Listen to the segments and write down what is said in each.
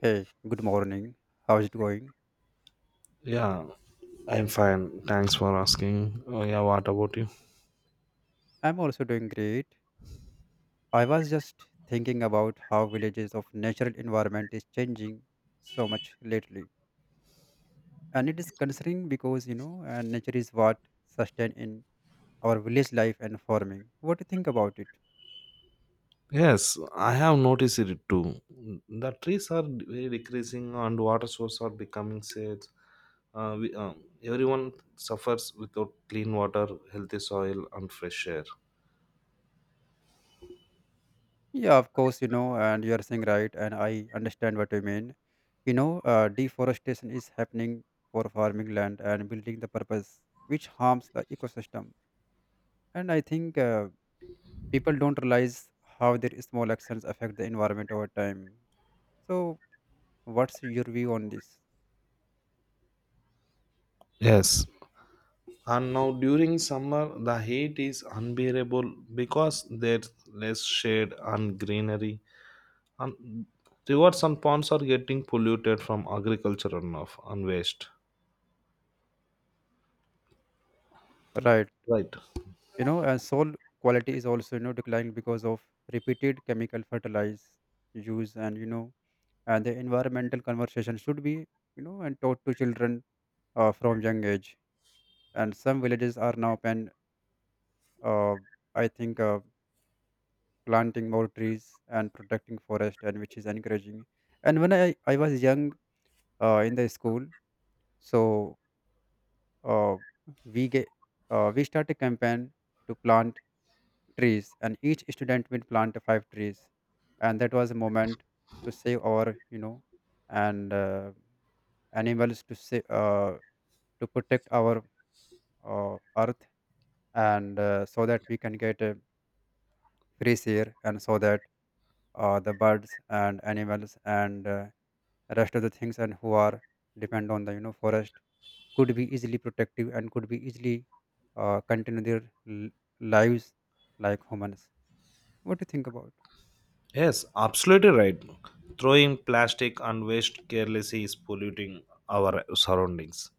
Hey, good morning. How's it going? Yeah, I'm fine. Thanks for asking. Oh, yeah, what about you? I'm also doing great. I was just thinking about how villages of natural environment is changing so much lately. And it is concerning because, you know, nature is what sustain in our village life and farming. What do you think about it? Yes, I have noticed it too. The trees are very decreasing and water sources are becoming scarce. We, everyone suffers without clean water, healthy soil, and fresh air. Yeah, of course, you know, and you are saying right, and I understand what you mean. Deforestation is happening for farming land and building the purpose, which harms the ecosystem. And I think people don't realize how their small actions affect the environment over time. So, what's your view on this? Yes. And now during summer, the heat is unbearable because there's less shade and greenery. And rivers and ponds are getting polluted from agriculture runoff and waste. Right. Right. You know, and soil quality is also, you know, declined because of repeated chemical fertilizer use and, you know, and the environmental conversation should be, you know, and taught to children from young age. And some villages are now uh, I think, uh, planting more trees and protecting forest and which is encouraging. And when I was young in the school, so uh, we get we start a campaign to plant trees and each student will plant five trees and that was a moment to save our and animals to save, to protect our earth and so that we can get a fresh air and so that the birds and animals and rest of the things and who are depend on the forest could be easily protective and could be easily continue their l- lives like humans. What do you think about? Yes, absolutely right. Throwing plastic and waste carelessly is polluting our surroundings.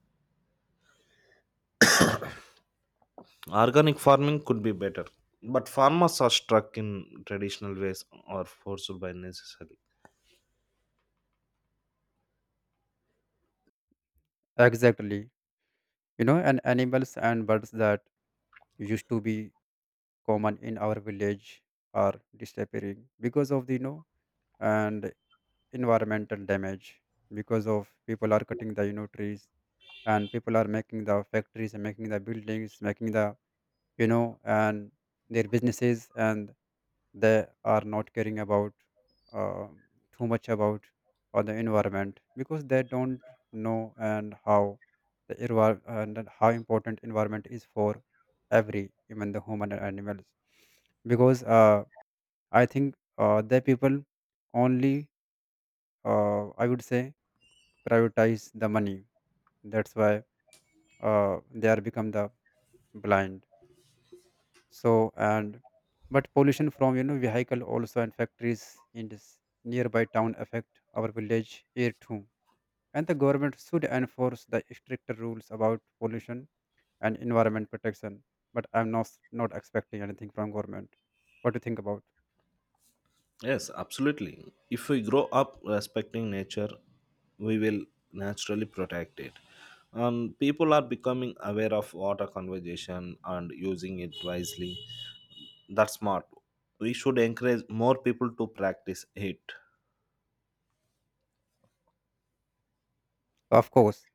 Organic farming could be better, but farmers are stuck in traditional ways or forced by necessity. Exactly. You know, and animals and birds that used to be common in our village are disappearing because of the and environmental damage because of people are cutting the trees and people are making the factories and making the buildings making the and their businesses and they are not caring about uh, too much about or the environment because they don't know and how and then how important environment is for every even the human and animals because I think the people only I would say prioritize the money. That's why they are become the blind so and but pollution from vehicle also and factories in this nearby town affect our village here too. And the government should enforce the stricter rules about pollution and environment protection, but I'm not expecting anything from government. What do you think about? Yes, absolutely. If we grow up respecting nature, we will naturally protect it. And people are becoming aware of water conservation and using it wisely. That's smart. We should encourage more people to practice it. Of course,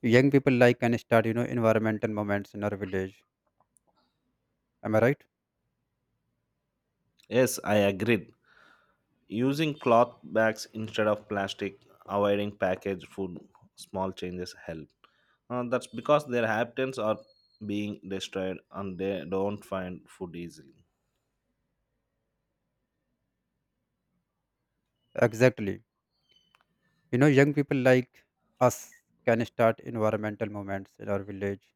young people like can start, you know, environmental movements in our village. Am I right? Yes, I agreed. Using cloth bags instead of plastic, avoiding packaged food, small changes help. That's because their habitats are being destroyed and they don't find food easily. Exactly. You know, young people like us can start environmental movements in our village,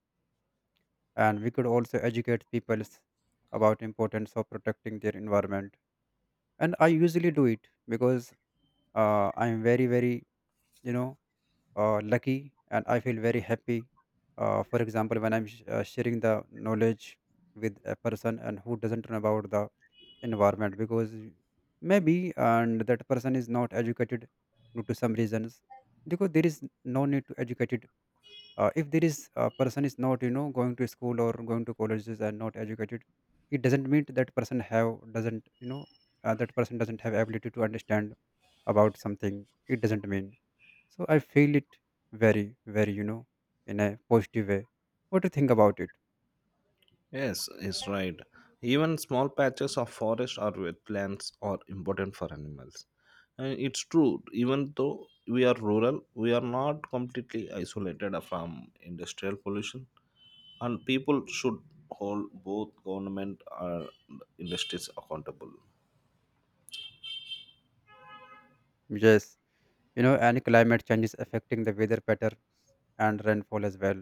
and we could also educate people about importance of protecting their environment. And I usually do it because I am very, you know, lucky, and I feel very happy. For example, when I'm sharing the knowledge with a person and who doesn't know about the environment because maybe and that person is not educated due to some reasons. Because there is no need to educate, if there is a person is not, you know, going to school or going to colleges and not educated, it doesn't mean that person have doesn't, you know, that person doesn't have ability to understand about something. It doesn't mean. So I feel it very very, you know, in a positive way. What do you think about it? Yes, it's right. Even small patches of forest or wetlands are important for animals. And it's true, even though we are rural, we are not completely isolated from industrial pollution. And people should hold both government and industries accountable. Yes, you know, and climate change is affecting the weather pattern and rainfall as well,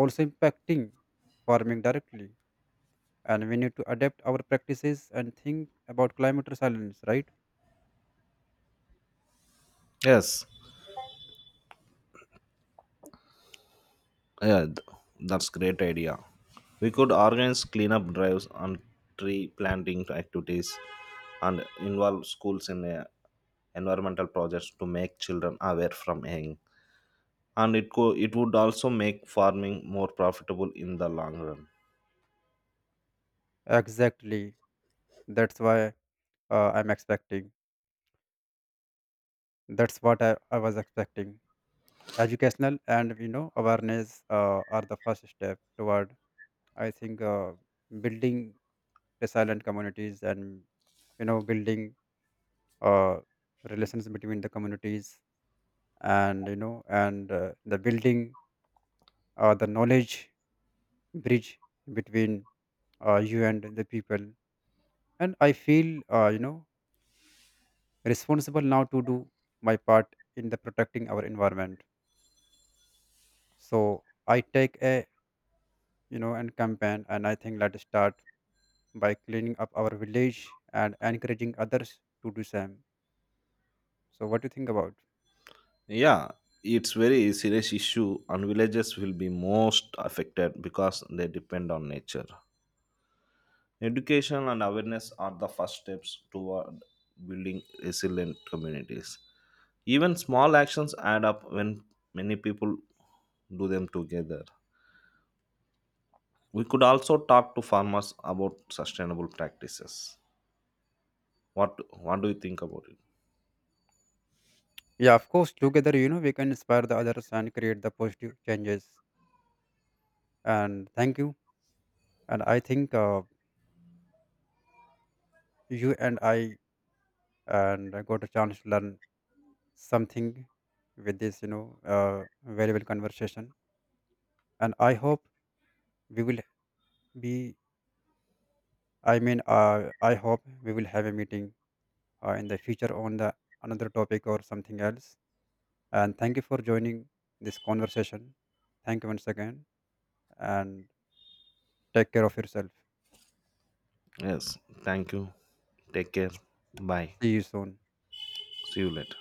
also impacting farming directly. And we need to adapt our practices and think about climate resilience, right? Yes. Yeah, that's great idea. We could organize cleanup drives and tree planting activities and involve schools in environmental projects to make children aware from young, and it would also make farming more profitable in the long run. Exactly. That's why I'm expecting. That's what I was expecting. Educational and, you know, awareness are the first step toward, I think, building resilient communities and, you know, building uh, relations between the communities, and, you know, and the building the knowledge bridge between you and the people. And I feel you know, responsible now to do my part in the protecting our environment. So I take a, you know, and campaign, and I think let's start by cleaning up our village and encouraging others to do same. So what do you think about? Yeah, it's very serious issue and villages will be most affected because they depend on nature. Education and awareness are the first steps toward building resilient communities. Even small actions add up when many people do them together. We could also talk to farmers about sustainable practices. What what do you think about it? Yeah, of course. Together, you know, we can inspire the others and create the positive changes. And thank you. And I think you and I, and I got a chance to learn something with this, you know, valuable conversation. And I hope we will be. I mean, I hope we will have a meeting in the future on the another topic or something else. And thank you for joining this conversation. Thank you once again, and take care of yourself. Yes, thank you. Take care. Bye. See you soon. See you later.